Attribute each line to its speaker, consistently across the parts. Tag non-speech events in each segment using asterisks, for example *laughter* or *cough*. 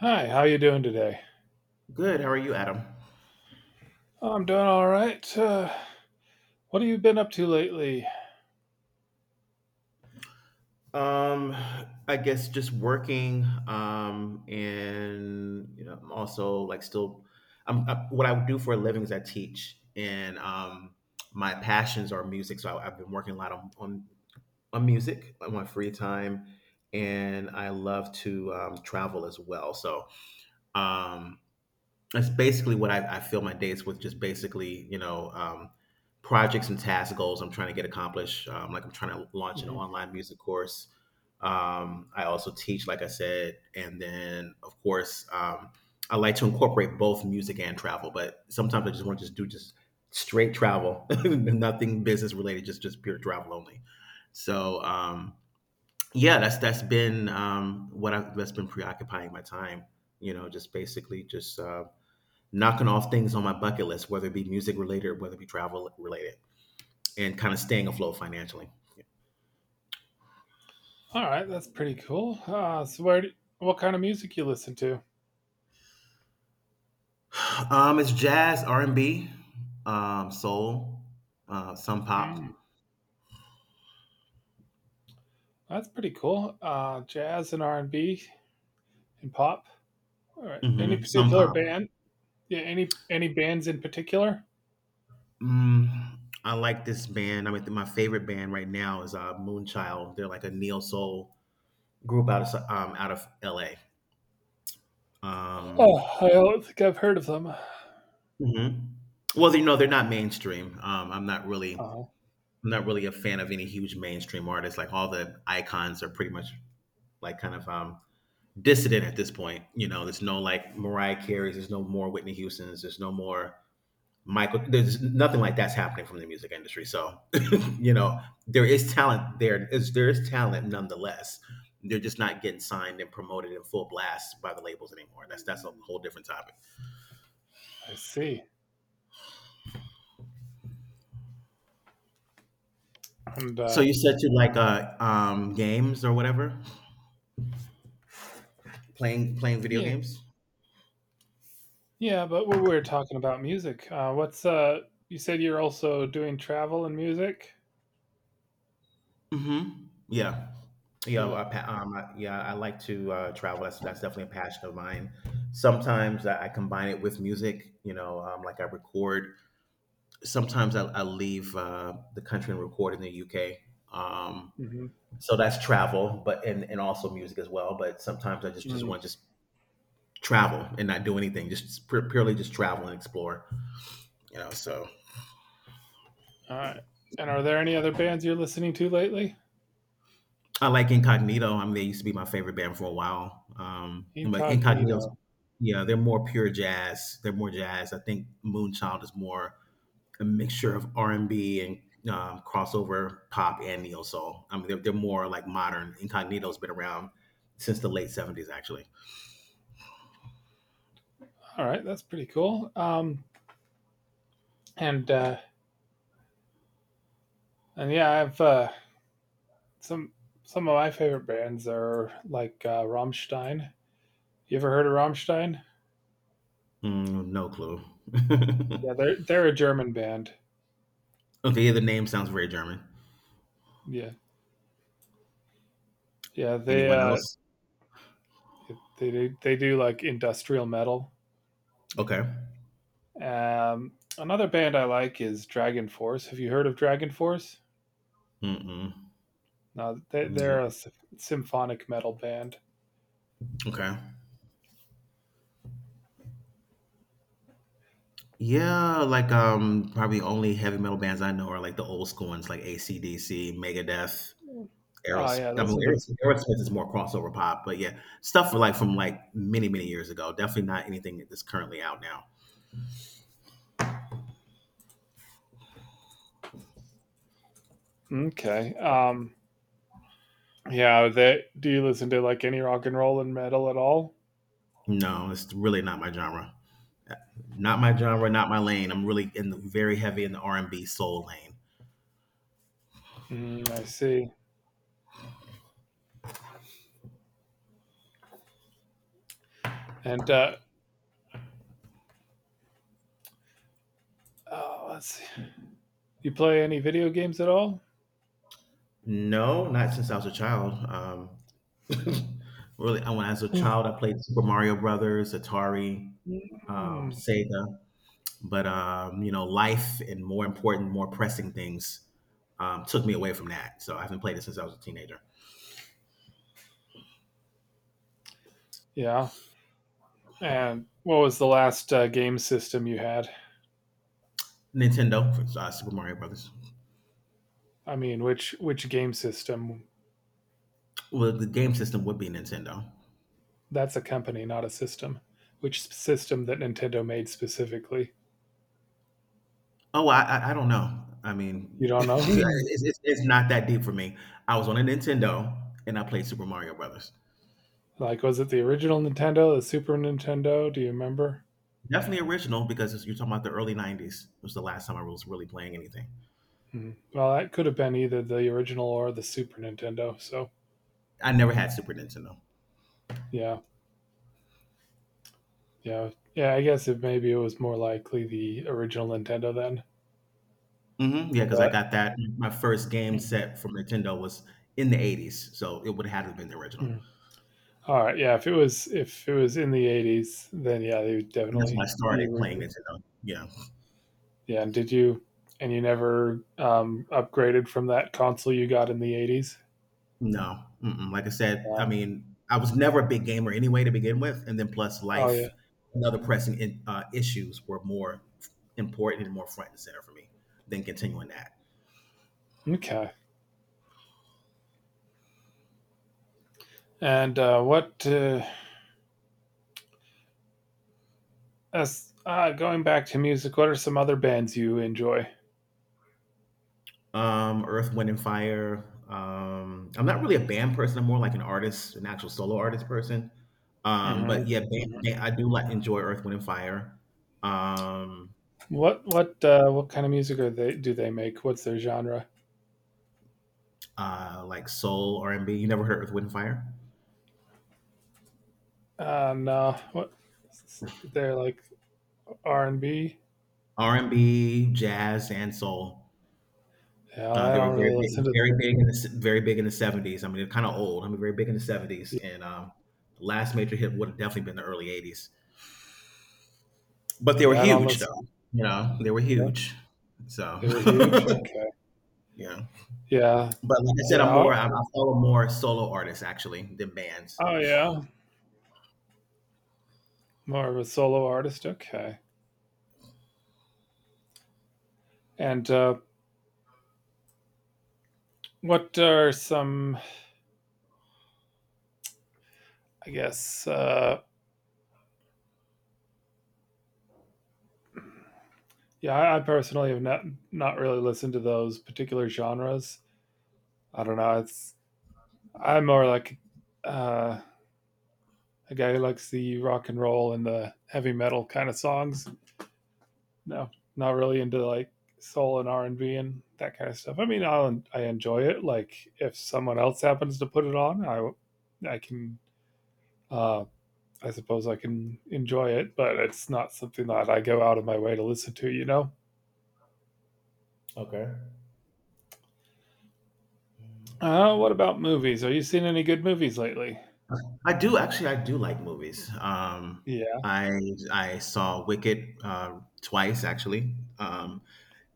Speaker 1: Hi, how you doing today?
Speaker 2: Good. How are you, Adam?
Speaker 1: Oh, I'm doing all right. What have you been up to lately?
Speaker 2: Um, I guess just working. I'm also like still, what I do for a living is I teach, and my passions are music. So I've been working a lot on music on my free time, and I love to travel as well. Um, That's basically what I fill my days with. Just basically, projects and task goals I'm trying to get accomplished. Like I'm trying to launch an
Speaker 1: Mhm.
Speaker 2: online music course. I also teach, like I said, and then of course I like to incorporate both music and travel. But sometimes I just want to just do just straight travel, *laughs* nothing business related, just pure travel only. So um, yeah, that's been that's been preoccupying my time. You know, just basically just knocking off things on my bucket list, whether it be music related, whether it be travel related, and kind of staying afloat financially.
Speaker 1: All right, that's pretty cool. So, what kind of music you listen to?
Speaker 2: Yeah. It's jazz, R and B, soul, some pop,
Speaker 1: Mm, that's pretty cool. Jazz and R and B and pop. All right. Any
Speaker 2: some
Speaker 1: particular
Speaker 2: pop.
Speaker 1: band? Yeah. Any bands in particular?
Speaker 2: Mm, I like this band. I mean, my favorite band right now is Moonchild. They're like a neo soul group out of L.A. Um,
Speaker 1: Oh, I don't think I've heard of them.
Speaker 2: mhm. Well, you know, they're not mainstream.
Speaker 1: Oh,
Speaker 2: I'm not really a fan of any huge mainstream artists. Like all the icons are pretty much like kind of dissident at this point. You know, there's no like Mariah Carey's, there's no more Whitney Houston's, there's no more Michael. There's nothing like that's happening from the music industry. So, *laughs* you know, there is talent there. Is there is talent nonetheless. They're just not getting signed and promoted in full blast by the labels anymore. That's a whole different topic.
Speaker 1: I see. And
Speaker 2: So
Speaker 1: uh,
Speaker 2: you said you like games or whatever, playing video
Speaker 1: yeah,
Speaker 2: games.
Speaker 1: yeah. But we're talking about music. What's? You said you're also doing travel and music.
Speaker 2: Mhm. Yeah. Yeah,
Speaker 1: Yeah.
Speaker 2: I pa I yeah, I like to, travel. That's definitely a passion of mine. Sometimes I combine it with music, you know, like I record. Sometimes I leave, the country and record in the UK. Um,
Speaker 1: Hmm.
Speaker 2: so that's travel, but and also music as well, but sometimes I just wanna just travel and not do anything, just purely just travel and explore, you know, so
Speaker 1: All right. And are there any other bands you're listening to lately?
Speaker 2: I like Incognito. I mean, they used to be my favorite band for a while. But Incognito's,
Speaker 1: Incognito.
Speaker 2: yeah, they're more pure jazz. They're more jazz. I think Moonchild is more a mixture of R and B and crossover pop and neo soul. I mean, they're more like modern. Incognito's been around since the late 70s, actually.
Speaker 1: All right, that's pretty cool. And uh, and yeah, I've some some of my favorite bands are like Rammstein. You ever heard of Rammstein?
Speaker 2: No clue. *laughs*
Speaker 1: Yeah, they're a German band.
Speaker 2: Okay, yeah, the name sounds very German.
Speaker 1: Yeah, yeah,
Speaker 2: Anyone else?
Speaker 1: they do like industrial metal.
Speaker 2: Okay.
Speaker 1: Yeah. Another band I like is Dragon Force. Have you heard of Dragon Force?
Speaker 2: Mm-mm.
Speaker 1: No, they're a
Speaker 2: No.
Speaker 1: symphonic metal band. So,
Speaker 2: Okay. Yeah, like probably only heavy metal bands I know are like the old school ones, like AC/DC, Megadeth,
Speaker 1: oh yeah, those are the
Speaker 2: Aerosmith is more crossover pop, but yeah, stuff for like from like many years ago. Definitely not anything that's currently out now.
Speaker 1: okay. Yeah, that do you listen to like any rock and roll and metal at all?
Speaker 2: No, it's really not my genre. Not my genre. Not my lane. I'm really in the very heavy in the R and B soul lane.
Speaker 1: I see. And Oh, let's see. You play any video games at all?
Speaker 2: No, not since I was a child. *laughs* Really, I when I was a
Speaker 1: Ooh.
Speaker 2: child, I played Super Mario Brothers, Atari,
Speaker 1: Mm,
Speaker 2: Sega. But you know, life and more important, more pressing things took me away from that. So I haven't played it since I was a teenager.
Speaker 1: yeah. And what was the last game system you had?
Speaker 2: Nintendo, for, Super Mario Brothers.
Speaker 1: I mean, which game system?
Speaker 2: Well, the game system would be Nintendo.
Speaker 1: That's a company, not a system. Which system that Nintendo made specifically?
Speaker 2: Oh, I don't know. I
Speaker 1: You
Speaker 2: mean, *laughs*
Speaker 1: don't know? Hmm.
Speaker 2: it's not that deep for me. I was on a Nintendo and I played Super Mario Brothers.
Speaker 1: Like, was it the original Nintendo, the Super Nintendo? Do you remember?
Speaker 2: Definitely original because it's- you're talking about the early '90s. It was the last time I was really playing anything.
Speaker 1: Mhm. Well, that could have been either the original or the Super Nintendo. So,
Speaker 2: I never had Super Nintendo.
Speaker 1: yeah, yeah, yeah. I guess it maybe it was more likely the original Nintendo then.
Speaker 2: Mhm, because I
Speaker 1: But.
Speaker 2: got that my first game set from Nintendo was in the '80s, so it would have to been the original.
Speaker 1: Mhm. All right, yeah. If it was in the 80s, then yeah, they would
Speaker 2: That's
Speaker 1: definitely
Speaker 2: when I
Speaker 1: the
Speaker 2: started playing
Speaker 1: original.
Speaker 2: Nintendo. Yeah.
Speaker 1: Yeah, and you never upgraded from that console you got in the 80s?
Speaker 2: No, mm-mm, like I said, I
Speaker 1: No.
Speaker 2: mean, I was never a big gamer anyway to begin with, and then plus
Speaker 1: Oh
Speaker 2: life
Speaker 1: yeah.
Speaker 2: and other pressing in issues were more important and more front and center for me than continuing that.
Speaker 1: Okay. And what? As Going back to music, what are some other bands you enjoy?
Speaker 2: Earth, Wind, and Fire. I'm not really a band person. I'm more like an artist, an actual solo artist person. Um,
Speaker 1: Hmm.
Speaker 2: but yeah, band, band- I do like enjoy Earth, Wind, and Fire. Um,
Speaker 1: What kind of music are they do they make? What's their genre?
Speaker 2: like soul R and B. You never heard Earth, Wind, and Fire?
Speaker 1: No, what they're like R and B.
Speaker 2: R and B, jazz, and soul.
Speaker 1: Yeah, I
Speaker 2: They were
Speaker 1: don't really listen to.
Speaker 2: very big in very big in the 70s. I mean, they're kind of old. I mean, very big in the 70s, and the last major hit would have definitely been the early 80s. But they were
Speaker 1: Yeah, I don't
Speaker 2: huge,
Speaker 1: listen.
Speaker 2: though. You know, they were
Speaker 1: Yeah,
Speaker 2: huge. So,
Speaker 1: they were huge. Okay.
Speaker 2: *laughs* yeah.
Speaker 1: Yeah,
Speaker 2: But like I said,
Speaker 1: yeah.
Speaker 2: I'm more
Speaker 1: Oh,
Speaker 2: I follow more solo artists actually than bands.
Speaker 1: oh, yeah. More of a solo artist. Okay. And What are some? I guess. Yeah, I personally have not really listened to those particular genres. I don't know. It's. I'm more like. Uh, a guy who likes the rock and roll and the heavy metal kind of songs. No, not really into like soul and R and B and that kind of stuff. I mean, I enjoy it. Like if someone else happens to put it on, I can uh, I suppose I can enjoy it, but it's not something that I go out of my way to listen to. You know.
Speaker 2: Okay.
Speaker 1: What about movies? Are you seeing any good movies lately?
Speaker 2: I do actually. I do like movies.
Speaker 1: Yeah.
Speaker 2: I I saw Wicked twice actually,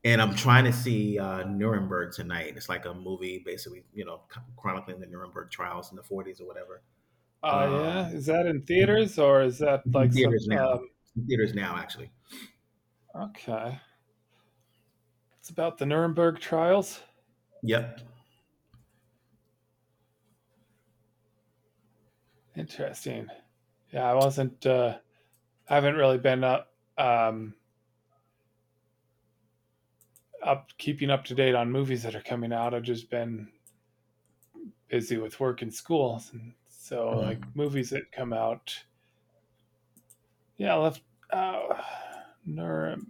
Speaker 2: and I'm trying to see Nuremberg tonight. It's like a movie, basically, you know, chronicling the Nuremberg trials in the 40s or whatever.
Speaker 1: Oh, yeah.
Speaker 2: Um,
Speaker 1: Is that in
Speaker 2: it's
Speaker 1: theaters or is that like
Speaker 2: in
Speaker 1: some?
Speaker 2: theaters now. It's in theaters now, actually.
Speaker 1: Okay. It's about the Nuremberg trials.
Speaker 2: Yep.
Speaker 1: Interesting. Yeah, I wasn't. I haven't really been up, up keeping up to date on movies that are coming out. I've just been busy with work and school, and so like
Speaker 2: Mm-hmm.
Speaker 1: movies that come out. Yeah, I left uh, Nuremberg.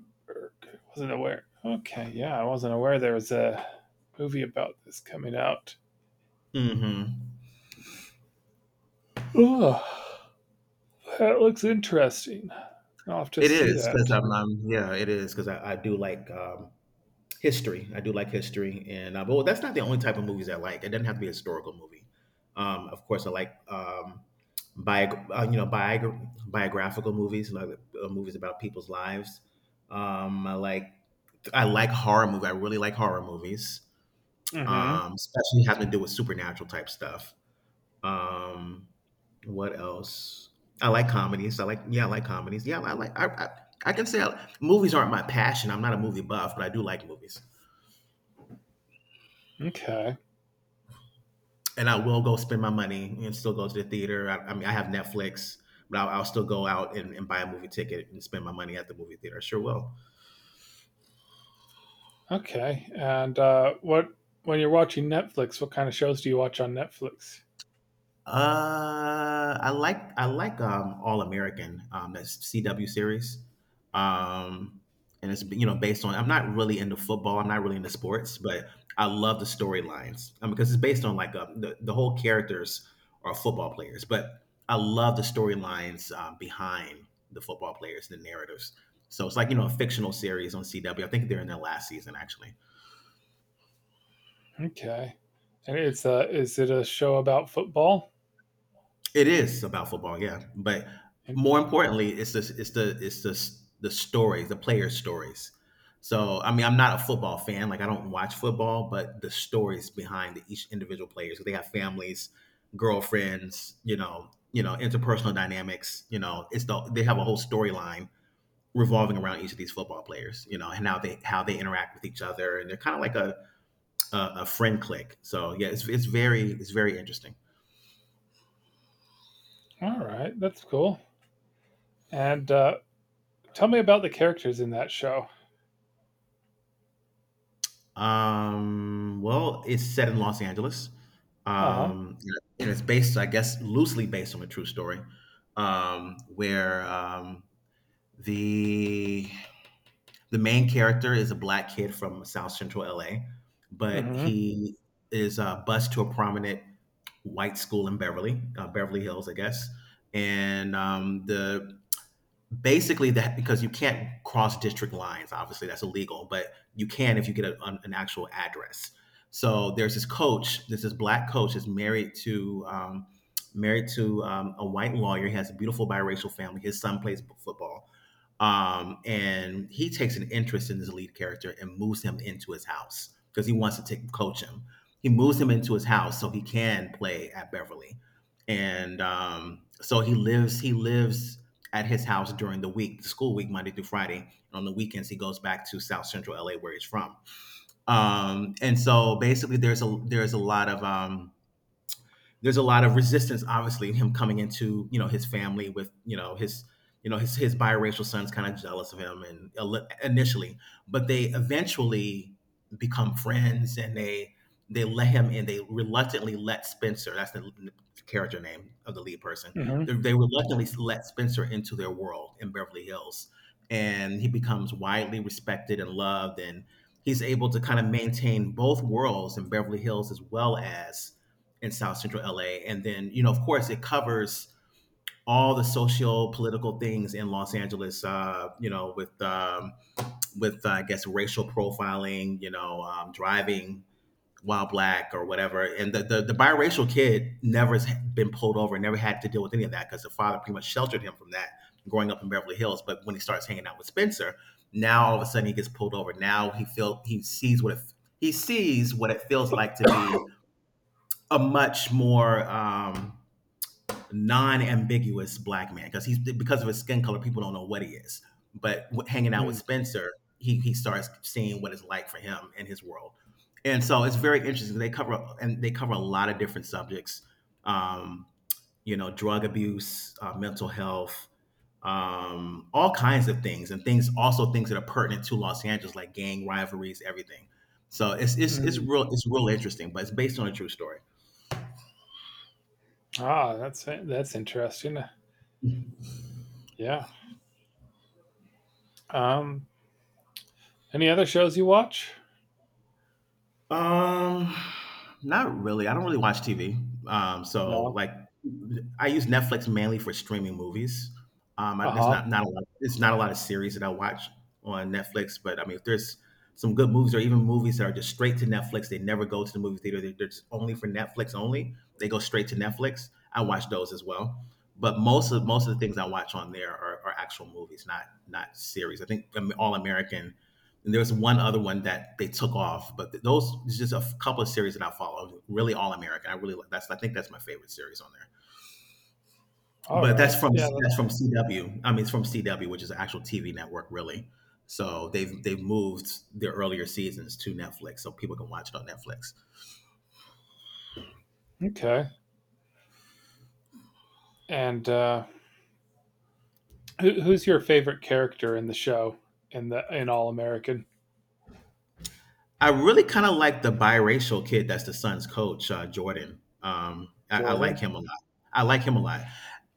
Speaker 1: I wasn't aware. Okay, yeah, I wasn't aware there was a movie about this coming out.
Speaker 2: Mm-hmm.
Speaker 1: Oh, that looks interesting. I'll have to
Speaker 2: It
Speaker 1: see
Speaker 2: is because
Speaker 1: that.
Speaker 2: I'm, I'm. Yeah, it is because I do like history. I do like history, and but that's not the only type of movies I like. It doesn't have to be a historical movie. Of course, I like you know biographical movies, like movies about people's lives. Um, I like I like horror movies. I really like horror movies,
Speaker 1: Mm-hmm.
Speaker 2: especially having to do with supernatural type stuff. Um, what else? I like comedies. I like comedies. Yeah, I can say movies aren't my passion. I'm not a movie buff, but I do like movies.
Speaker 1: Okay.
Speaker 2: And I will go spend my money and still go to the theater. I mean, I have Netflix, but I'll still go out and buy a movie ticket and spend my money at the movie theater. I sure will.
Speaker 1: Okay. And what when you're watching Netflix, what kind of shows do you watch on Netflix?
Speaker 2: I like All American, that's CW series, um, and it's you know based on I'm not really into football, I'm not really into sports, but I love the storylines because it's based on like the whole characters are football players, but I love the storylines behind the football players, the narratives, so it's like you know a fictional series on CW. I think they're in their last season actually.
Speaker 1: Okay. And it's a is it a show about football?
Speaker 2: It is about football, yeah. But
Speaker 1: And.
Speaker 2: more importantly, it's the stories, the players' stories. So, I mean, I'm not a football fan. Like, I don't watch football, but the stories behind the, each individual players. They have families, girlfriends, you know, interpersonal dynamics. You know, it's they have a whole storyline revolving around each of these football players. You know, and how they interact with each other, and they're kind of like a friend clique. So, yeah, it's very it's very interesting.
Speaker 1: All right, that's cool. And Tell me about the characters in that show.
Speaker 2: Well, it's set in Los Angeles.
Speaker 1: Uh huh.
Speaker 2: Um, and it's based, I guess, loosely based on a true story, where the the main character is a black kid from South Central LA, but
Speaker 1: Mm-hmm.
Speaker 2: he is bused to a prominent white school in Beverly Hills, I guess. And the basically that because you can't cross district lines obviously that's illegal but you can if you get an, actual address, so there's this coach. This is black coach is married to a white lawyer. He has a beautiful biracial family. His son plays football, and he takes an interest in this lead character and moves him into his house because he wants to coach him. He moves him into his house so he can play at Beverly. And so he lives at his house during the week, the school week, Monday through Friday. And on the weekends, he goes back to South Central LA, where he's from. And so basically, there's a lot of there's a lot of resistance, obviously, in him coming into you know his family with you know his biracial son's kind of jealous of him and initially, but they eventually become friends and they let him in. They reluctantly let Spencer. That's the character name of the lead person.
Speaker 1: Mm-hmm.
Speaker 2: They reluctantly let Spencer into their world in Beverly Hills, and he becomes widely respected and loved and. He's able to kind of maintain both worlds in Beverly Hills as well as in South Central LA. And then, you know, of course, it covers all the social political things in Los Angeles, you know, with with I guess racial profiling, you know, driving while black or whatever. And the biracial kid never has been pulled over, never had to deal with any of that because the father pretty much sheltered him from that growing up in Beverly Hills. But when he starts hanging out with Spencer, now all of a sudden he gets pulled over. Now he feel he sees what it, he sees what it feels like to be a much more non-ambiguous black man because he's because of his skin color people don't know what he is but hanging out with
Speaker 1: Mm.
Speaker 2: Spencer, he starts seeing what it's like for him in his world. And so it's very interesting. They cover a lot of different subjects, um, you know, drug abuse, mental health, all kinds of things, and things that are pertinent to Los Angeles, like gang rivalries, everything. So
Speaker 1: Mm.
Speaker 2: it's real interesting, but it's based on a true story.
Speaker 1: Ah, that's interesting. Yeah. Um. Any other shows you watch?
Speaker 2: um Not really. I don't really watch TV. Um, so
Speaker 1: No.
Speaker 2: like, I use Netflix mainly for streaming movies.
Speaker 1: Uh
Speaker 2: There's
Speaker 1: huh.
Speaker 2: not a lot. There's not a lot of series that I watch on Netflix. But I mean, if there's some good movies, or even movies that are just straight to Netflix, they never go to the movie theater. They're just only for Netflix only. They go straight to Netflix. I watch those as well. But most of the things I watch on there are actual movies, not not series. I think All American, and there was one other one that they took off, but those it's just a couple of series that I followed. Really, All American. I really like that's. I think that's my favorite series on there.
Speaker 1: All
Speaker 2: But
Speaker 1: right. Yeah. That.
Speaker 2: that's from CW. I mean, it's from CW, which is an actual TV network, really. So they've moved their earlier seasons to Netflix, so people can watch it on Netflix.
Speaker 1: Okay. And Who's your favorite character in the show in All American?
Speaker 2: I really kind of like the biracial kid that's the Suns' coach, Jordan. I like
Speaker 1: Jordan.
Speaker 2: him a lot. I like him a lot.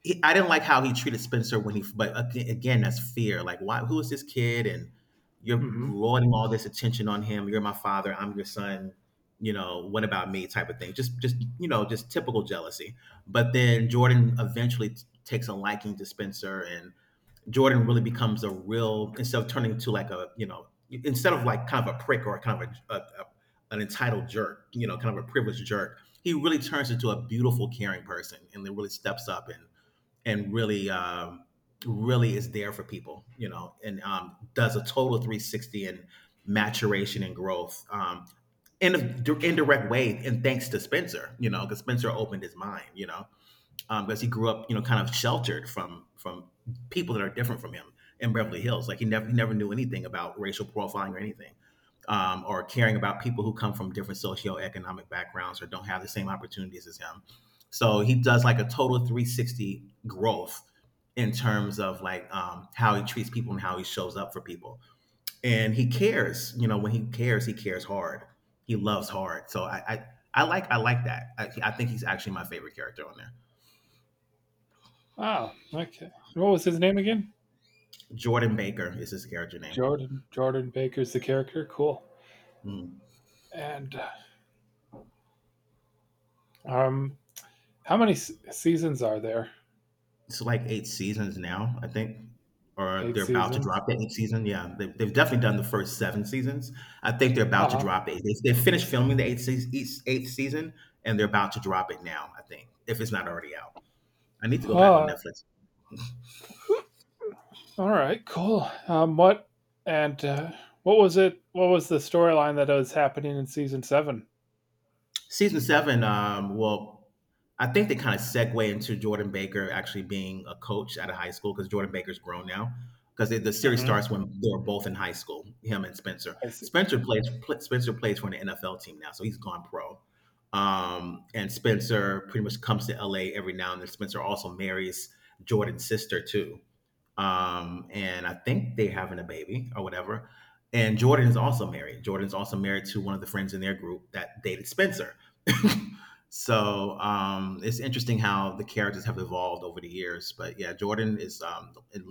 Speaker 2: I didn't like how he treated Spencer when he, but again, that's fear. Like, why? Who is this kid? And you're
Speaker 1: Mm-hmm.
Speaker 2: lording all this attention on him. You're my father. I'm your son. You know, what about me? Type of thing. Just you know, just typical jealousy. But then Jordan eventually takes a liking to Spencer, and Jordan really becomes a real, instead of turning to like a, you know, instead of like kind of a prick, or kind of a an entitled jerk, you know, kind of a privileged jerk. He really turns into a beautiful, caring person, and then really steps up and really really is there for people, you know, and does a total 360 and maturation and growth, in an indirect way, and thanks to Spencer, you know, because Spencer opened his mind, you know, because he grew up, you know, kind of sheltered from people that are different from him in Beverly Hills. Like he never knew anything about racial profiling or anything, or caring about people who come from different socioeconomic backgrounds or don't have the same opportunities as him. So he does like a total 360 growth in terms of like, how he treats people and how he shows up for people. And he cares, you know, when he cares hard. He loves hard. So I I like that. I think he's actually my favorite character on there.
Speaker 1: Oh, okay. What was his name again?
Speaker 2: Jordan Baker is his character name.
Speaker 1: Jordan. Jordan Baker's the character. Cool.
Speaker 2: Mm.
Speaker 1: And um, how many seasons are there?
Speaker 2: It's like eight seasons now, I think, or
Speaker 1: Eight
Speaker 2: they're about to
Speaker 1: seasons.
Speaker 2: drop the eighth season. Yeah, they've definitely done the first seven seasons. I think they're about to
Speaker 1: Uh-huh.
Speaker 2: drop it. They finished filming the eighth season, and they're about to drop it now. I think if it's not already out, I need to go back on
Speaker 1: Uh,
Speaker 2: Netflix.
Speaker 1: all right. Cool. What and what was it? What was the storyline that was happening in season 7?
Speaker 2: Season seven, well, I think they kind of segue into Jordan Baker actually being a coach at a high school because Jordan Baker's grown now. Because the series
Speaker 1: Mm-hmm.
Speaker 2: starts when they're both in high school, him and Spencer.
Speaker 1: I see.
Speaker 2: Spencer plays for an NFL team now, so he's gone pro. And Spencer pretty much comes to LA every now and then. Spencer also marries Jordan's sister too, and I think they're having a baby or whatever. And Jordan is also married. Jordan's also married to one of the friends in their group that dated Spencer. So it's interesting how the characters have evolved over the years. But yeah, Jordan is, in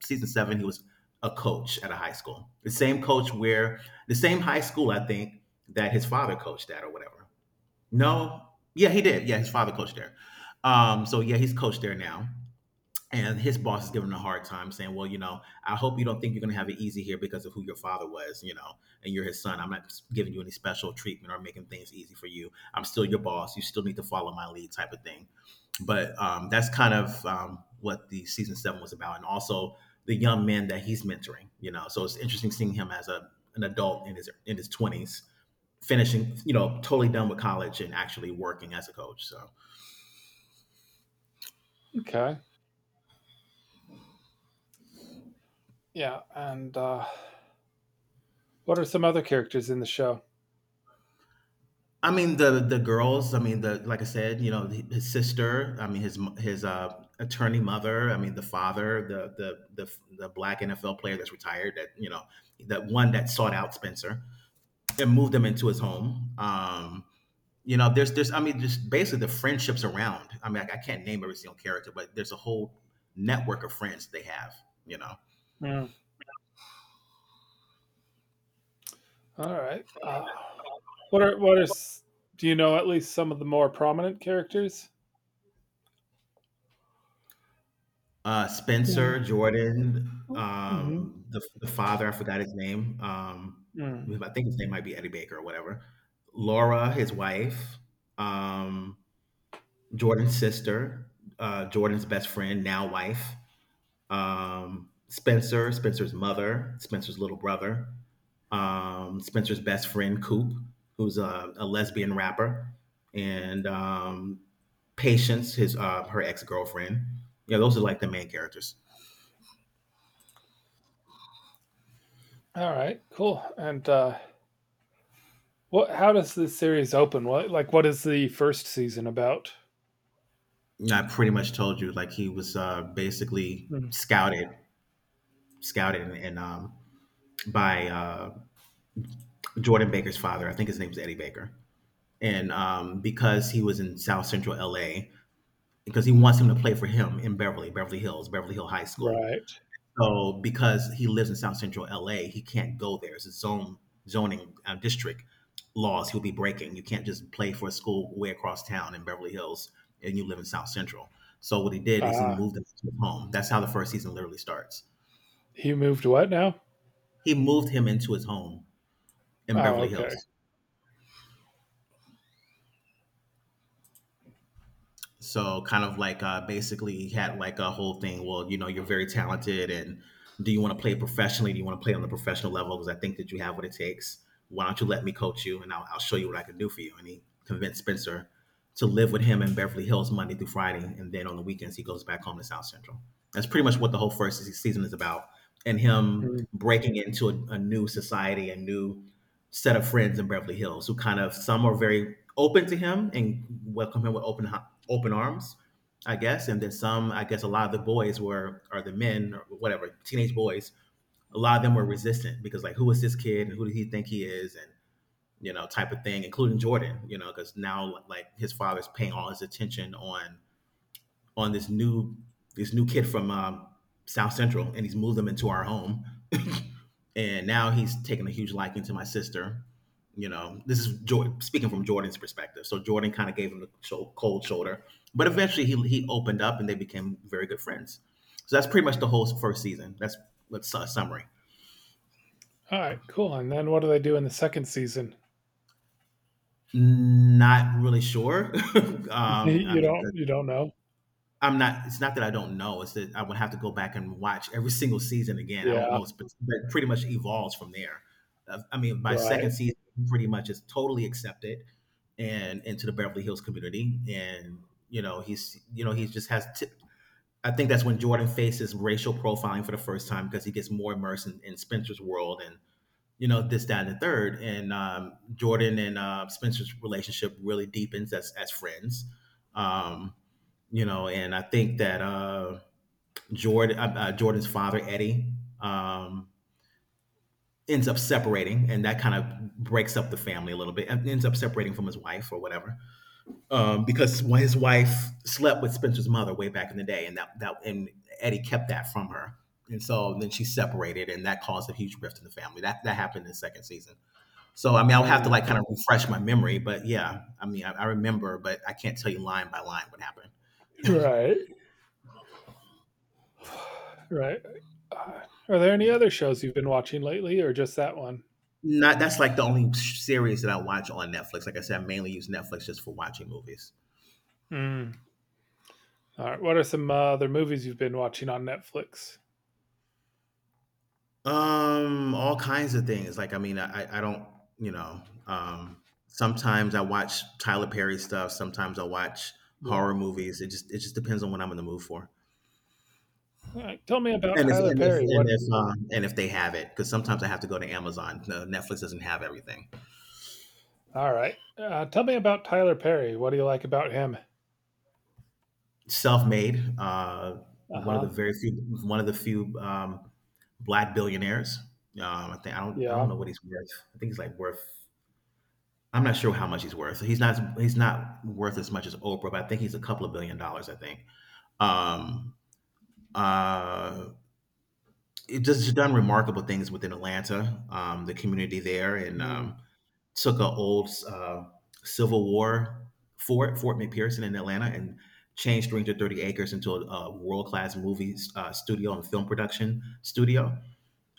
Speaker 2: season seven, he was a coach at a high school, the same high school, I think, that his father coached at or whatever. No, yeah, he did. Yeah, his father coached there. So yeah, he's coached there now. And his boss is giving him a hard time, saying, "Well, you know, I hope you don't think you're going to have it easy here because of who your father was, you know, and you're his son. I'm not giving you any special treatment or making things easy for you. I'm still your boss. You still need to follow my lead, type of thing." But that's kind of what the season seven was about, and also the young men that he's mentoring, you know. So it's interesting seeing him as a an adult in his twenties, finishing, you know, totally done with college and actually working as a coach. So
Speaker 1: Okay. Yeah. And What are some other characters in the show?
Speaker 2: I mean the girls. I mean the like I said, you know, his sister. I mean his attorney mother. I mean the father, the black NFL player that's retired. That, you know, that one that sought out Spencer and moved him into his home. You know, there's, I mean, just basically the friendships around. I mean I can't name every single character, but there's a whole network of friends they have. You know,
Speaker 1: Mm, all right. What are what are s- do you know at least some of the more prominent characters?
Speaker 2: Spencer,
Speaker 1: Yeah.
Speaker 2: Jordan,
Speaker 1: Mhm.
Speaker 2: the father, I forgot his name.
Speaker 1: Mm.
Speaker 2: I think his name might be Eddie Baker or whatever. Laura, his wife, um, Jordan's sister, Jordan's best friend, now wife. Spencer, Spencer's mother, Spencer's little brother, Spencer's best friend, Coop, who's a lesbian rapper, and Patience, his her ex girlfriend. Yeah, those are like the main characters.
Speaker 1: All right. Cool. And what? How does this series open? What is the first season about?
Speaker 2: I pretty much told you like he was basically
Speaker 1: Mm.
Speaker 2: scouted, scouted, and by Jordan Baker's father. I think his name is Eddie Baker, and because he was in South Central LA, because he wants him to play for him in Beverly Hills, Beverly Hill High School.
Speaker 1: Right.
Speaker 2: So because he lives in South Central LA, he can't go there. It's a zone zoning district laws he'll be breaking. You can't just play for a school way across town in Beverly Hills and you live in South Central. So what he did is he
Speaker 1: Ah,
Speaker 2: moved him to his home. That's how the first season literally starts.
Speaker 1: he moved what now?
Speaker 2: He moved him into his home in
Speaker 1: Oh,
Speaker 2: Beverly
Speaker 1: okay.
Speaker 2: Hills. So kind of like basically he had like a whole thing. Well, you know, you're very talented, and do you want to play professionally? Do you want to play on the professional level? Because I think that you have what it takes. Why don't you let me coach you, and I'll show you what I can do for you? And he convinced Spencer to live with him in Beverly Hills Monday through Friday, and then on the weekends he goes back home to South Central. That's pretty much what the whole first season is about, and him
Speaker 1: Mm.
Speaker 2: breaking into a new society, a new set of friends in Beverly Hills, who kind of, some are very open to him and welcome him with open arms, I guess. And then some, I guess, a lot of the boys were, or the men, or whatever, teenage boys. A lot of them were resistant because like, who is this kid and who does he think he is, and you know, type of thing, including Jordan, you know, because now like his father's paying all his attention on this new kid from South Central, and he's moved him into our home. *laughs* And now he's taken a huge liking to my sister. You know, this is Jordan, speaking from Jordan's perspective. So Jordan kind of gave him the cold shoulder, but eventually he opened up and they became very good friends. So that's pretty much the whole first season. That's a summary.
Speaker 1: All right. Cool. And then what do they do in the second season?
Speaker 2: Not really sure. *laughs*
Speaker 1: *laughs*
Speaker 2: I
Speaker 1: You
Speaker 2: mean, 'cause
Speaker 1: don't know?
Speaker 2: I'm not. It's not that I don't know. It's that I would have to go back and watch every single season again. I don't
Speaker 1: Yeah,
Speaker 2: know. It's but it pretty much evolves from there. I mean, my
Speaker 1: right.
Speaker 2: second season pretty much is totally accepted and into the Beverly Hills community, and you know he's you know he just has. I think that's when Jordan faces racial profiling for the first time because he gets more immersed in Spencer's world and you know, this, that, and the third. And Jordan and Spencer's relationship really deepens as friends. Um, you know, and I think that Jordan's father Eddie um, ends up separating, and that kind of breaks up the family a little bit. And ends up separating from his wife or whatever, because his wife slept with Spencer's mother way back in the day, and that that and Eddie kept that from her. And so then she separated, and that caused a huge rift in the family. That happened in the second season. So I mean, I'll have to
Speaker 1: Mm.
Speaker 2: like kind of refresh my memory, but yeah, I mean, I remember, but I can't tell you line by line what happened.
Speaker 1: Right. *sighs* Right. Uh, Are there any other shows you've been watching lately or just that one?
Speaker 2: Not that's like the only series that I watch on Netflix. Like I said, I mainly use Netflix just for watching movies.
Speaker 1: Mm. All right. What are some other movies you've been watching on Netflix?
Speaker 2: All kinds of things. Like I mean, I don't. Sometimes I watch Tyler Perry stuff. Sometimes I watch
Speaker 1: Yeah.
Speaker 2: horror movies. It just depends on what I'm in the mood for.
Speaker 1: All right. Tell me about
Speaker 2: And if
Speaker 1: Tyler
Speaker 2: and if
Speaker 1: Perry. What.
Speaker 2: and if and if they have it, because sometimes I have to go to Amazon. No, Netflix doesn't have everything.
Speaker 1: All right. Tell me about Tyler Perry. What do you like about him?
Speaker 2: Self-made. One of the
Speaker 1: Uh-huh.
Speaker 2: very few, one of the few black billionaires. I think I
Speaker 1: Yeah.
Speaker 2: don't know what he's worth. I think he's like worth. I'm not sure how much he's worth. He's not worth as much as Oprah, but I think he's a couple of billion dollars. I think. Um, uh, it just done remarkable things within Atlanta, the community there, and
Speaker 1: Mm.
Speaker 2: took an old Civil War fort, Fort McPherson in Atlanta, and changed 330 acres into a world class movie studio and film production studio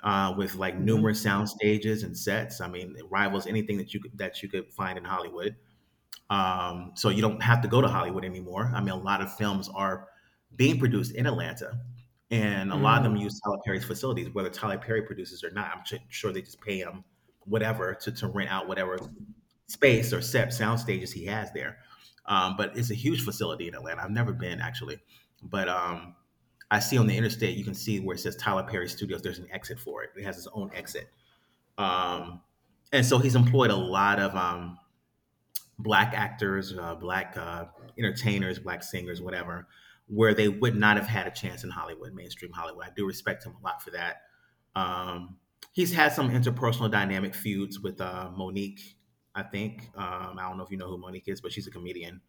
Speaker 2: with like
Speaker 1: Mm-hmm.
Speaker 2: numerous sound stages and sets. I mean, it rivals anything that that you could find in Hollywood. So you don't have to go to Hollywood anymore. I mean, a lot of films are being produced in Atlanta, and a lot of
Speaker 1: Mm.
Speaker 2: them use Tyler Perry's facilities, whether Tyler Perry produces or not. Sure they just pay him whatever to rent out whatever space or set sound stages he has there. But it's a huge facility in Atlanta. I've never been actually, but I see on the interstate you can see where it says Tyler Perry Studios. There's an exit for it. It has its own exit, um, and so he's employed a lot of black actors, black entertainers, black singers, whatever, where they would not have had a chance in Hollywood, mainstream Hollywood. I do respect him a lot for that. Um, he's had some interpersonal dynamic feuds with Monique, I think. I don't know if you know who Monique is, but she's a comedian.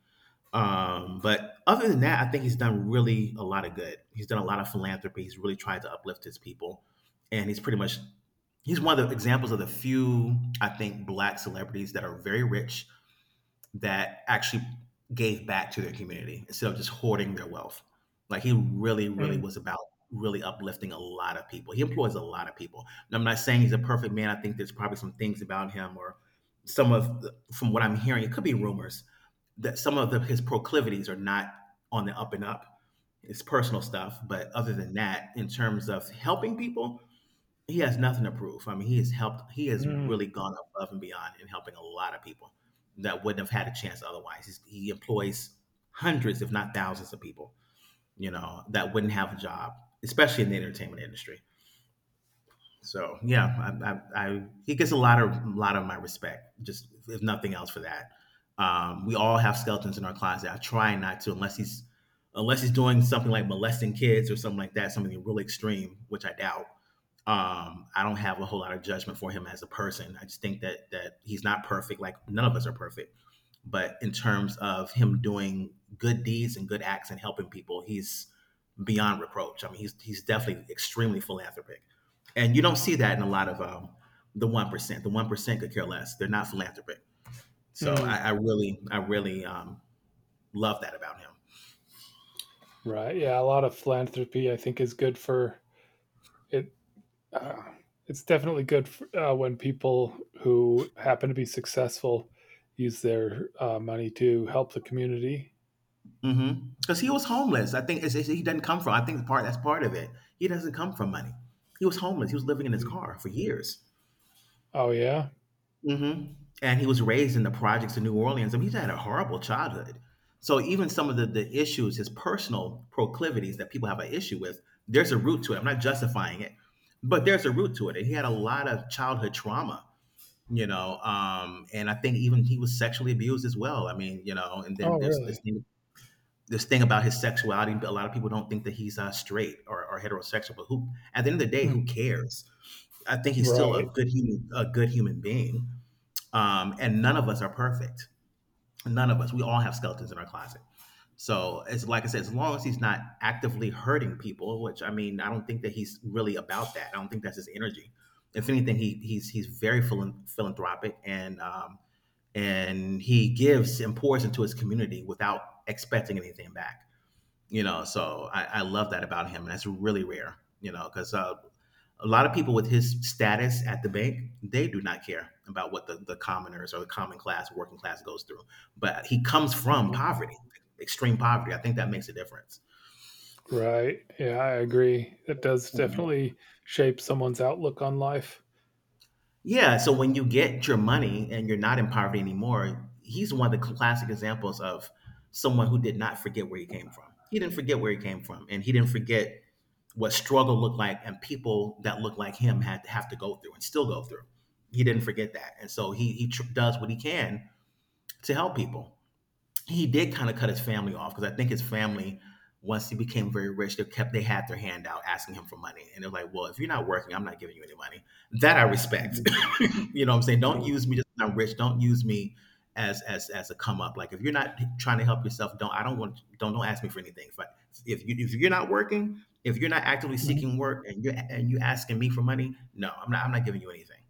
Speaker 2: But other than that, I think he's done really a lot of good. He's done a lot of philanthropy. He's really tried to uplift his people. And he's one of the examples of the few, I think, black celebrities that are very rich that actually gave back to their community instead of just hoarding their wealth. Like he really, really
Speaker 1: Mm.
Speaker 2: was about really uplifting a lot of people. He employs a lot of people. And I'm not saying he's a perfect man. I think there's probably some things about him or some from what I'm hearing, it could be rumors that some his proclivities are not on the up and up. It's personal stuff, but other than that, in terms of helping people, he has nothing to prove. I mean, he has helped. He has
Speaker 1: Mm.
Speaker 2: really gone above and beyond in helping a lot of people that wouldn't have had a chance otherwise. He employs hundreds, if not thousands, of people. You know that wouldn't have a job, especially in the entertainment industry. So yeah, I he gets a lot of my respect, just if nothing else for that. We all have skeletons in our closet. I try not to, unless he's doing something like molesting kids or something like that, something really extreme, which I doubt. I don't have a whole lot of judgment for him as a person. I just think that he's not perfect. Like none of us are perfect, but in terms of him doing good deeds and good acts and helping people, he's beyond reproach. I mean, he's definitely extremely philanthropic, and you don't see that in a lot of the one percent. The one percent could care less; they're not philanthropic.
Speaker 1: Mm.
Speaker 2: I really love that about him
Speaker 1: Right. Yeah, a lot of philanthropy I think is good for it. Uh, it's definitely good for, when people who happen to be successful use their money to help the community.
Speaker 2: because mm-hmm, he was homeless. I think he doesn't come from. I think part that's part of it. He doesn't come from money. He was homeless. He was living in his
Speaker 1: Mm.
Speaker 2: car for years.
Speaker 1: Oh yeah.
Speaker 2: Mhm. And he was raised in the projects in New Orleans. I mean, he's had a horrible childhood. So even some the issues, his personal proclivities that people have an issue with, there's a root to it. I'm not justifying it, but there's a root to it. And he had a lot of childhood trauma, you know. And I think even he was sexually abused as well. I mean, you know, and then
Speaker 1: Oh
Speaker 2: there's
Speaker 1: really?
Speaker 2: this thing about his sexuality. A lot of people don't think that he's straight or heterosexual, but who at the end of the day,
Speaker 1: Hmm.
Speaker 2: who cares? I think he's still
Speaker 1: Right.
Speaker 2: a good human being and none of us are perfect. None of us. We all have skeletons in our closet. So it's like I said, as long as he's not actively hurting people, which I mean, I don't think that he's really about that. I don't think that's his energy. If anything, he's very philanthropic and he gives and pours into his community without expecting anything back, you know. I love that about him, and that's really rare, you know, because a lot of people with his status at the bank, they do not care about what the commoners or the common class working class goes through. But he comes from
Speaker 1: Mhm.
Speaker 2: poverty, extreme poverty. I think that makes a difference.
Speaker 1: Right. Yeah, I agree. It does
Speaker 2: Mhm.
Speaker 1: definitely shape someone's outlook on life.
Speaker 2: Yeah, so when you get your money and you're not in poverty anymore, he's one of the classic examples of someone who did not forget where he came from. He didn't forget where he came from, and he didn't forget what struggle looked like and people that looked like him had to have to go through and still go through. He didn't forget that. And so he does what he can to help people. He did kind of cut his family off because I think his family, once he became very rich, they had their hand out asking him for money, and they're like, "Well, if you're not working, I'm not giving you any money." That I respect.
Speaker 1: Mhm.
Speaker 2: *laughs* You know, what I'm saying, don't
Speaker 1: Mhm.
Speaker 2: use me just 'cause I'm rich. Don't use me as a come up. Like if you're not trying to help yourself, don't I don't want don't ask me for anything. If you're not working, if you're not actively
Speaker 1: Mhm.
Speaker 2: seeking work, and you asking me for money, no, I'm not giving you anything.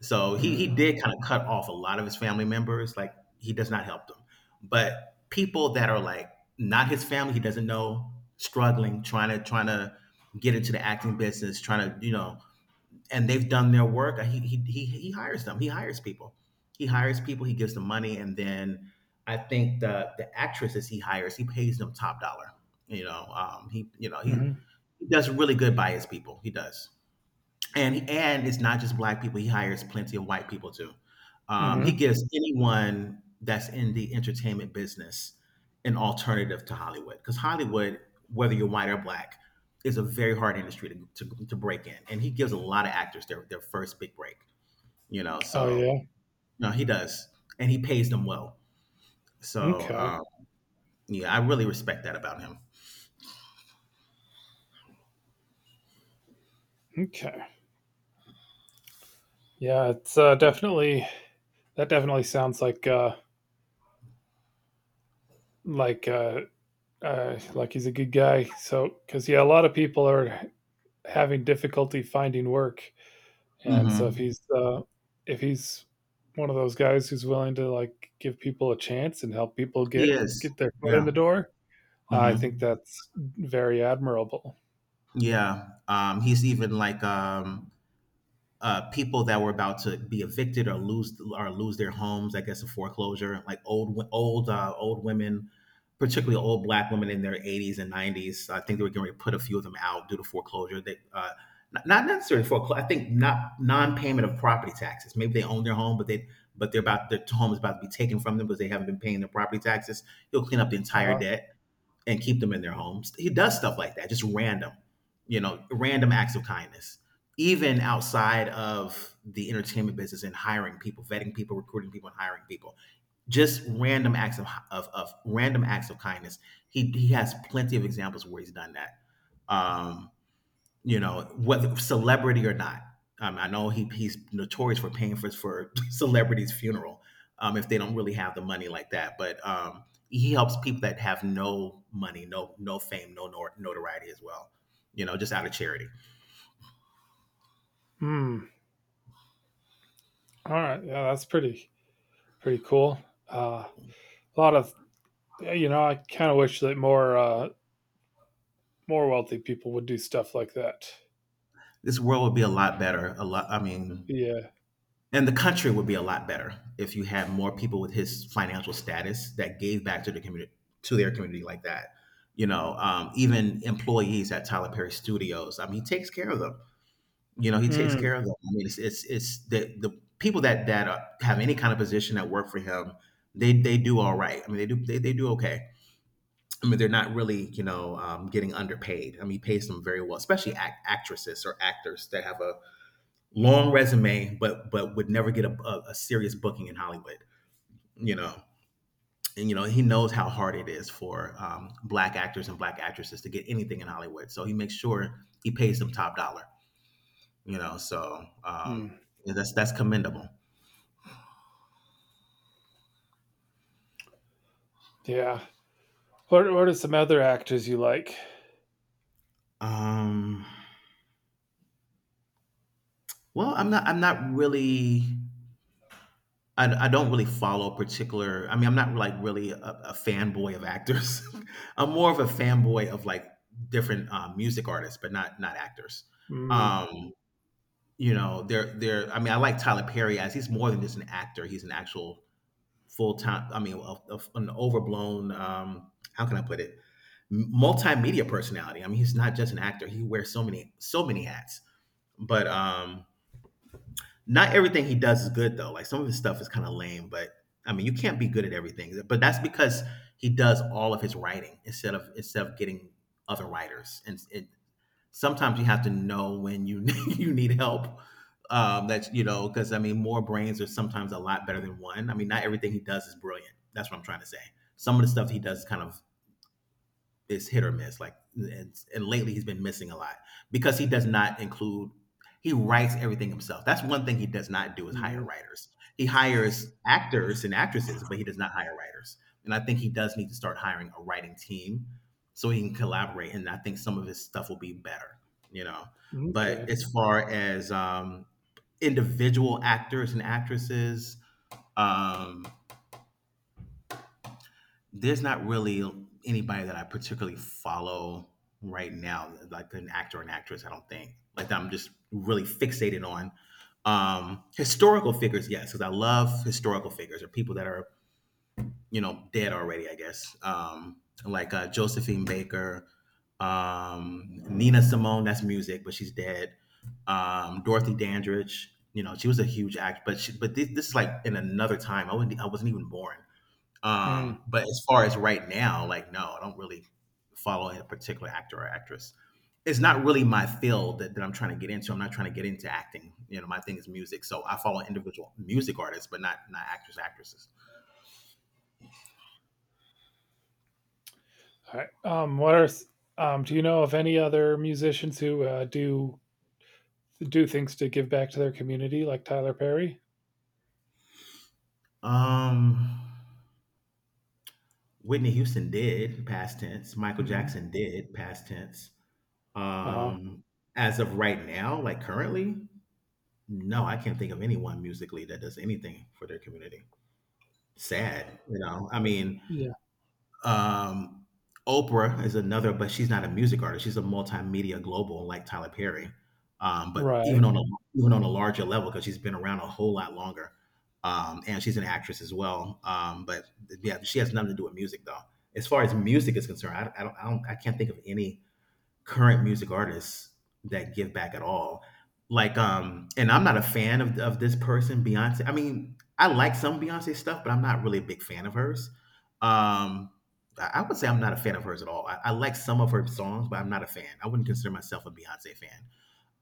Speaker 2: So he
Speaker 1: Mhm.
Speaker 2: did kind of cut off a lot of his family members. Like he does not help them, but people that are like not his family, he doesn't know, struggling, trying to get into the acting business, trying to you know, and they've done their work. He hires them. He hires people. He hires people. He gives them money, and then I think the actresses he hires, he pays them top dollar. You know, he you know he,
Speaker 1: Mhm.
Speaker 2: he does really good by his people. He does, and it's not just black people. He hires plenty of white people too. He
Speaker 1: Mhm.
Speaker 2: gives anyone that's in the entertainment business an alternative to Hollywood, because Hollywood, whether you're white or black, is a very hard industry to break in. And he gives a lot of actors their first big break. You know,
Speaker 1: Oh
Speaker 2: so
Speaker 1: yeah.
Speaker 2: no, he does, and he pays them well. So
Speaker 1: Okay.
Speaker 2: yeah, I really respect that about him.
Speaker 1: Okay. Yeah, it's definitely that definitely sounds like like uh, like he's a good guy. So, because yeah, a lot of people are having difficulty finding work, and so
Speaker 2: Hmm.
Speaker 1: if he's one of those guys who's willing to like give people a chance and help people
Speaker 2: He
Speaker 1: get
Speaker 2: is,
Speaker 1: get their foot
Speaker 2: yeah.
Speaker 1: in the door, I think
Speaker 2: Hmm.
Speaker 1: that's very admirable.
Speaker 2: Yeah. He's even like people that were about to be evicted or lose their homes, I guess, a foreclosure, like old women, particularly old black women in their 80s and 90s. I think they were going to put a few of them out due to foreclosure. Not necessarily foreclosure. I think not non-payment of property taxes. Maybe they own their home, but they but they're about their home is about to be taken from them because they haven't been paying their property taxes. You'll clean up the entire
Speaker 1: Uh,
Speaker 2: debt and keep them in their homes. He does stuff like that, just random, random acts of kindness. Even outside of the entertainment business and hiring people, vetting people, recruiting people, and hiring people, just random acts of kindness. He has plenty of examples where he's done that. Um, you know, whether celebrity or not. I know he's notorious for paying for *laughs* celebrities' funeral, if they don't really have the money like that. But he helps people that have no money, no fame, no notoriety as well. You know, just out of charity.
Speaker 1: hmm. All right. Yeah, that's pretty cool. Uh, a lot of you know, I kind of wish that more more wealthy people would do stuff like that.
Speaker 2: This world would be a lot better. A lot. I mean,
Speaker 1: Yeah.
Speaker 2: and the country would be a lot better if you had more people with his financial status that gave back to the community, to their community like that. You know, even employees at Tyler Perry Studios. I mean, he takes care of them. You know, he takes
Speaker 1: Mm,
Speaker 2: care of them. I mean, it's the people that have any kind of position that work for him, they do all right. I mean, they do okay. I mean, they're not really getting underpaid. I mean, he pays them very well, especially actresses or actors that have a long resume, but would never get a serious booking in Hollywood. You know, and he knows how hard it is for black actors and black actresses to get anything in Hollywood. So he makes sure he pays them top dollar. You know, so
Speaker 1: mm.
Speaker 2: yeah, that's commendable.
Speaker 1: Yeah. What are some other actors you like?
Speaker 2: um well, I'm not really. I don't really follow particular, I mean, I'm not like really a fanboy of actors. *laughs* I'm more of a fanboy of like different, music artists, but not actors.
Speaker 1: Mm,
Speaker 2: um you know, they're I mean, I like Tyler Perry, as he's more than just an actor, he's an actual full time. I mean, an overblown. How can I put it? Multimedia personality. I mean, he's not just an actor. He wears so many, so many hats. But not everything he does is good though. Like some of his stuff is kind of lame. But I mean, you can't be good at everything. But that's because he does all of his writing instead of getting other writers, and sometimes you have to know when you *laughs* you need help. That's, because, I mean, more brains are sometimes a lot better than one. I mean, not everything he does is brilliant. That's what I'm trying to say. Some of the stuff he does is kind of, is hit or miss. Like, and lately he's been missing a lot, because he does not include, he writes everything himself. That's one thing he does not do, is hire
Speaker 1: hmm.
Speaker 2: writers. He hires actors and actresses, but he does not hire writers. And I think he does need to start hiring a writing team, so he can collaborate. And I think some of his stuff will be better, you know. But
Speaker 1: Okay.
Speaker 2: as far as individual actors and actresses, um, there's not really anybody that I particularly follow right now, like an actor or an actress, I don't think. Like that I'm just really fixated on. Historical figures, yes, because I love historical figures, or people that are, dead already, I guess. Like Josephine Baker, Nina Simone, that's music, but she's dead. Dorothy Dandridge, you know, she was a huge act, but this is like in another time. I wasn't even born.
Speaker 1: Mm.
Speaker 2: But as far as right now, like, no, I don't really follow a particular actor or actress. It's not really my field that I'm trying to get into. I'm not trying to get into acting. You know, my thing is music. So I follow individual music artists, but not actors, actresses.
Speaker 1: All right. What are Do you know of any other musicians who do things to give back to their community, like Tyler Perry?
Speaker 2: Um Whitney Houston did, past tense. Michael
Speaker 1: Hmm.
Speaker 2: Jackson did, past tense.
Speaker 1: Uh huh.
Speaker 2: Um as of right now, like, currently, no, I can't think of anyone musically that does anything for their community. Sad, you know. I mean,
Speaker 1: Yeah.
Speaker 2: Um, Oprah is another, but she's not a music artist. She's a multimedia global like Tyler Perry. But even
Speaker 1: Right.
Speaker 2: on a, larger level, because she's been around a whole lot longer, and she's an actress as well. But yeah, she has nothing to do with music though. As far as music is concerned, I can't think of any current music artists that give back at all. Like, and I'm not a fan of this person, Beyonce. I mean, I like some Beyonce stuff, but I'm not really a big fan of hers. Um, I would say I'm not a fan of hers at all. I like some of her songs, but I'm not a fan. I wouldn't consider myself a Beyonce fan.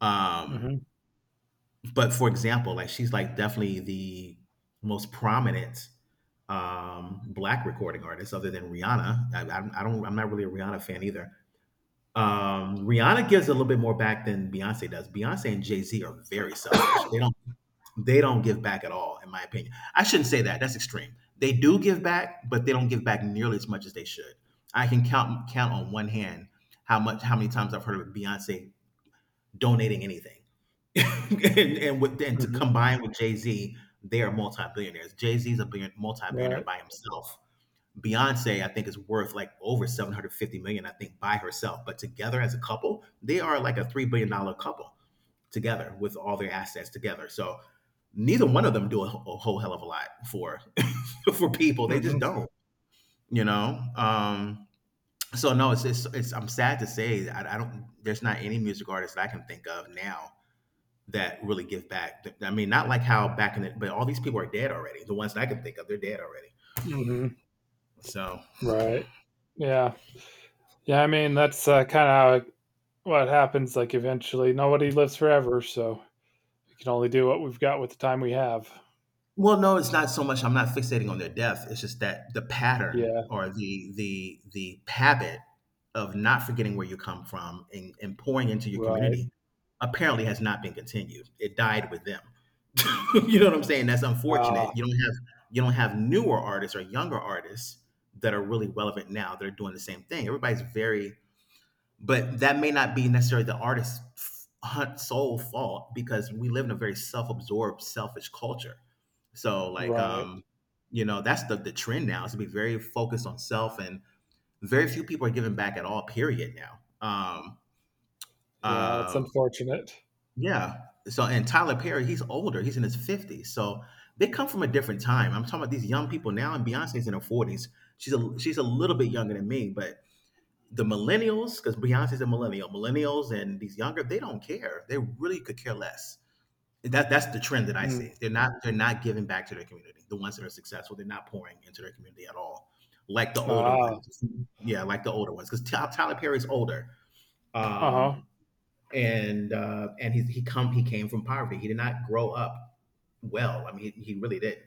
Speaker 2: Um,
Speaker 1: Hmm.
Speaker 2: but for example, like, she's like definitely the most prominent, black recording artist other than Rihanna. I don't. I'm not really a Rihanna fan either. Rihanna gives a little bit more back than Beyonce does. Beyonce and Jay Z are very selfish. They don't give back at all, in my opinion. I shouldn't say that. That's extreme. They do give back, but they don't give back nearly as much as they should. I can count on one hand how many times I've heard of Beyonce donating anything, *laughs* and, with, and to
Speaker 1: Hmm.
Speaker 2: combine with Jay Z, they are multi billionaires. Jay Z is a multi billionaire
Speaker 1: Right.
Speaker 2: by himself. Beyonce, I think, is worth like over 750 million dollars, I think, by herself. But together as a couple, they are like a three billion dollar couple, together with all their assets together. So neither one of them do a whole hell of a lot for *laughs* for people. They just
Speaker 1: Hmm.
Speaker 2: don't, you know. So no, it's I'm sad to say, I don't. There's not any music artist I can think of now that really give back. I mean, not like how but all these people are dead already. The ones that I can think of, they're dead already.
Speaker 1: Hmm.
Speaker 2: So,
Speaker 1: Right. Yeah. Yeah. I mean, that's kind of what happens. Like, eventually, nobody lives forever, so we can only do what we've got with the time we have.
Speaker 2: well, no, it's not so much. I'm not fixating on their death. It's just that the pattern,
Speaker 1: Yeah.
Speaker 2: or the habit of not forgetting where you come from, and pouring into your
Speaker 1: Right.
Speaker 2: community, apparently has not been continued. It died with them. *laughs* You know what I'm saying? That's unfortunate.
Speaker 1: Ah.
Speaker 2: You don't have newer artists or younger artists that are really relevant now that are doing the same thing. Everybody's very, but that may not be necessarily the artist's sole fault, because we live in a very self-absorbed, selfish culture, so like,
Speaker 1: Right.
Speaker 2: you know, that's the trend now, is to be very focused on self, and very few people are giving back at all, period now.
Speaker 1: Yeah, it's
Speaker 2: Uh,
Speaker 1: unfortunate.
Speaker 2: yeah, so, and Tyler Perry, he's older, he's in his 50s, so they come from a different time. I'm talking about these young people now, and Beyonce's in her 40s. She's a she's a little bit younger than me, but the millennials, because Beyonce's a millennial, millennials and these younger, they don't care. They really could care less. That's the trend that I
Speaker 1: Mm.
Speaker 2: see. They're not giving back to their community. The ones that are successful, they're not pouring into their community at all. Like the older
Speaker 1: Ah,
Speaker 2: ones, yeah, like the older ones. Because Tyler Perry's older, um,
Speaker 1: uh-huh.
Speaker 2: and he came from poverty. He did not grow up well. I mean, he really did.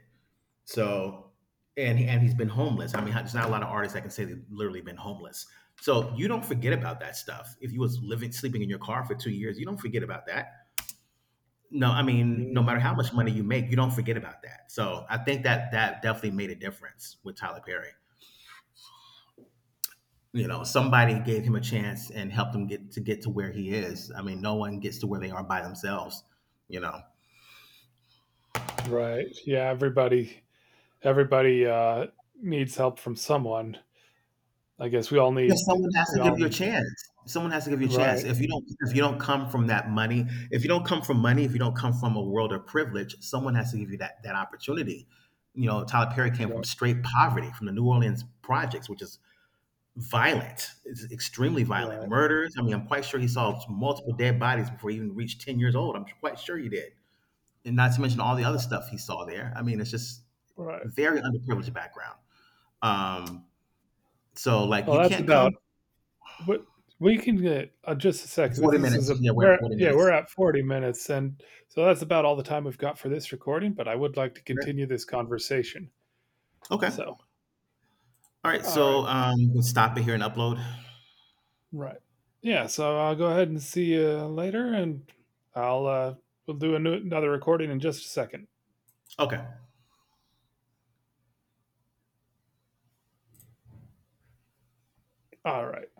Speaker 2: So, and he's been homeless. I mean, there's not a lot of artists that can say they've literally been homeless. So you don't forget about that stuff. If you was living sleeping in your car for 2 years, you don't forget about that. No, I mean, no
Speaker 1: Mm,
Speaker 2: matter how much money you make, you don't forget about that. So I think that that definitely made a difference with Tyler Perry. You know, somebody gave him a chance and helped him get to where he is. I mean, no one gets to where they are by themselves. You know.
Speaker 1: right. Yeah, everybody needs help from someone. I guess
Speaker 2: Yeah, someone has
Speaker 1: we
Speaker 2: to
Speaker 1: all
Speaker 2: give you a
Speaker 1: need
Speaker 2: chance. Someone has to give you a chance.
Speaker 1: right,
Speaker 2: If you don't come from that money, if you don't come from money, if you don't come from a world of privilege, someone has to give you that opportunity. You know, Tyler Perry came from
Speaker 1: right,
Speaker 2: straight poverty, from the New Orleans projects, which is violent. It's extremely violent.
Speaker 1: right,
Speaker 2: Murders. I mean, I'm quite sure he saw multiple dead bodies before he even reached 10 years old. I'm quite sure he did. And not to mention all the other stuff he saw there. I mean, it's just
Speaker 1: right.
Speaker 2: very underprivileged background. Um, so like
Speaker 1: Well,
Speaker 2: you
Speaker 1: that's
Speaker 2: can't
Speaker 1: about
Speaker 2: come.
Speaker 1: what we can get just a second, but
Speaker 2: 40
Speaker 1: this is
Speaker 2: minutes.
Speaker 1: a
Speaker 2: Yeah, we're at
Speaker 1: we're
Speaker 2: 40
Speaker 1: yeah, we're
Speaker 2: minutes.
Speaker 1: at 40 minutes, and so that's about all the time we've got for this recording, but I would like to
Speaker 2: Yeah.
Speaker 1: continue this conversation.
Speaker 2: Okay.
Speaker 1: So,
Speaker 2: All right.
Speaker 1: all right.
Speaker 2: So we'll stop it here and upload.
Speaker 1: Right. Yeah. So I'll go ahead and see you later, and I'll we'll do another recording in just a second.
Speaker 2: Okay.
Speaker 1: All right.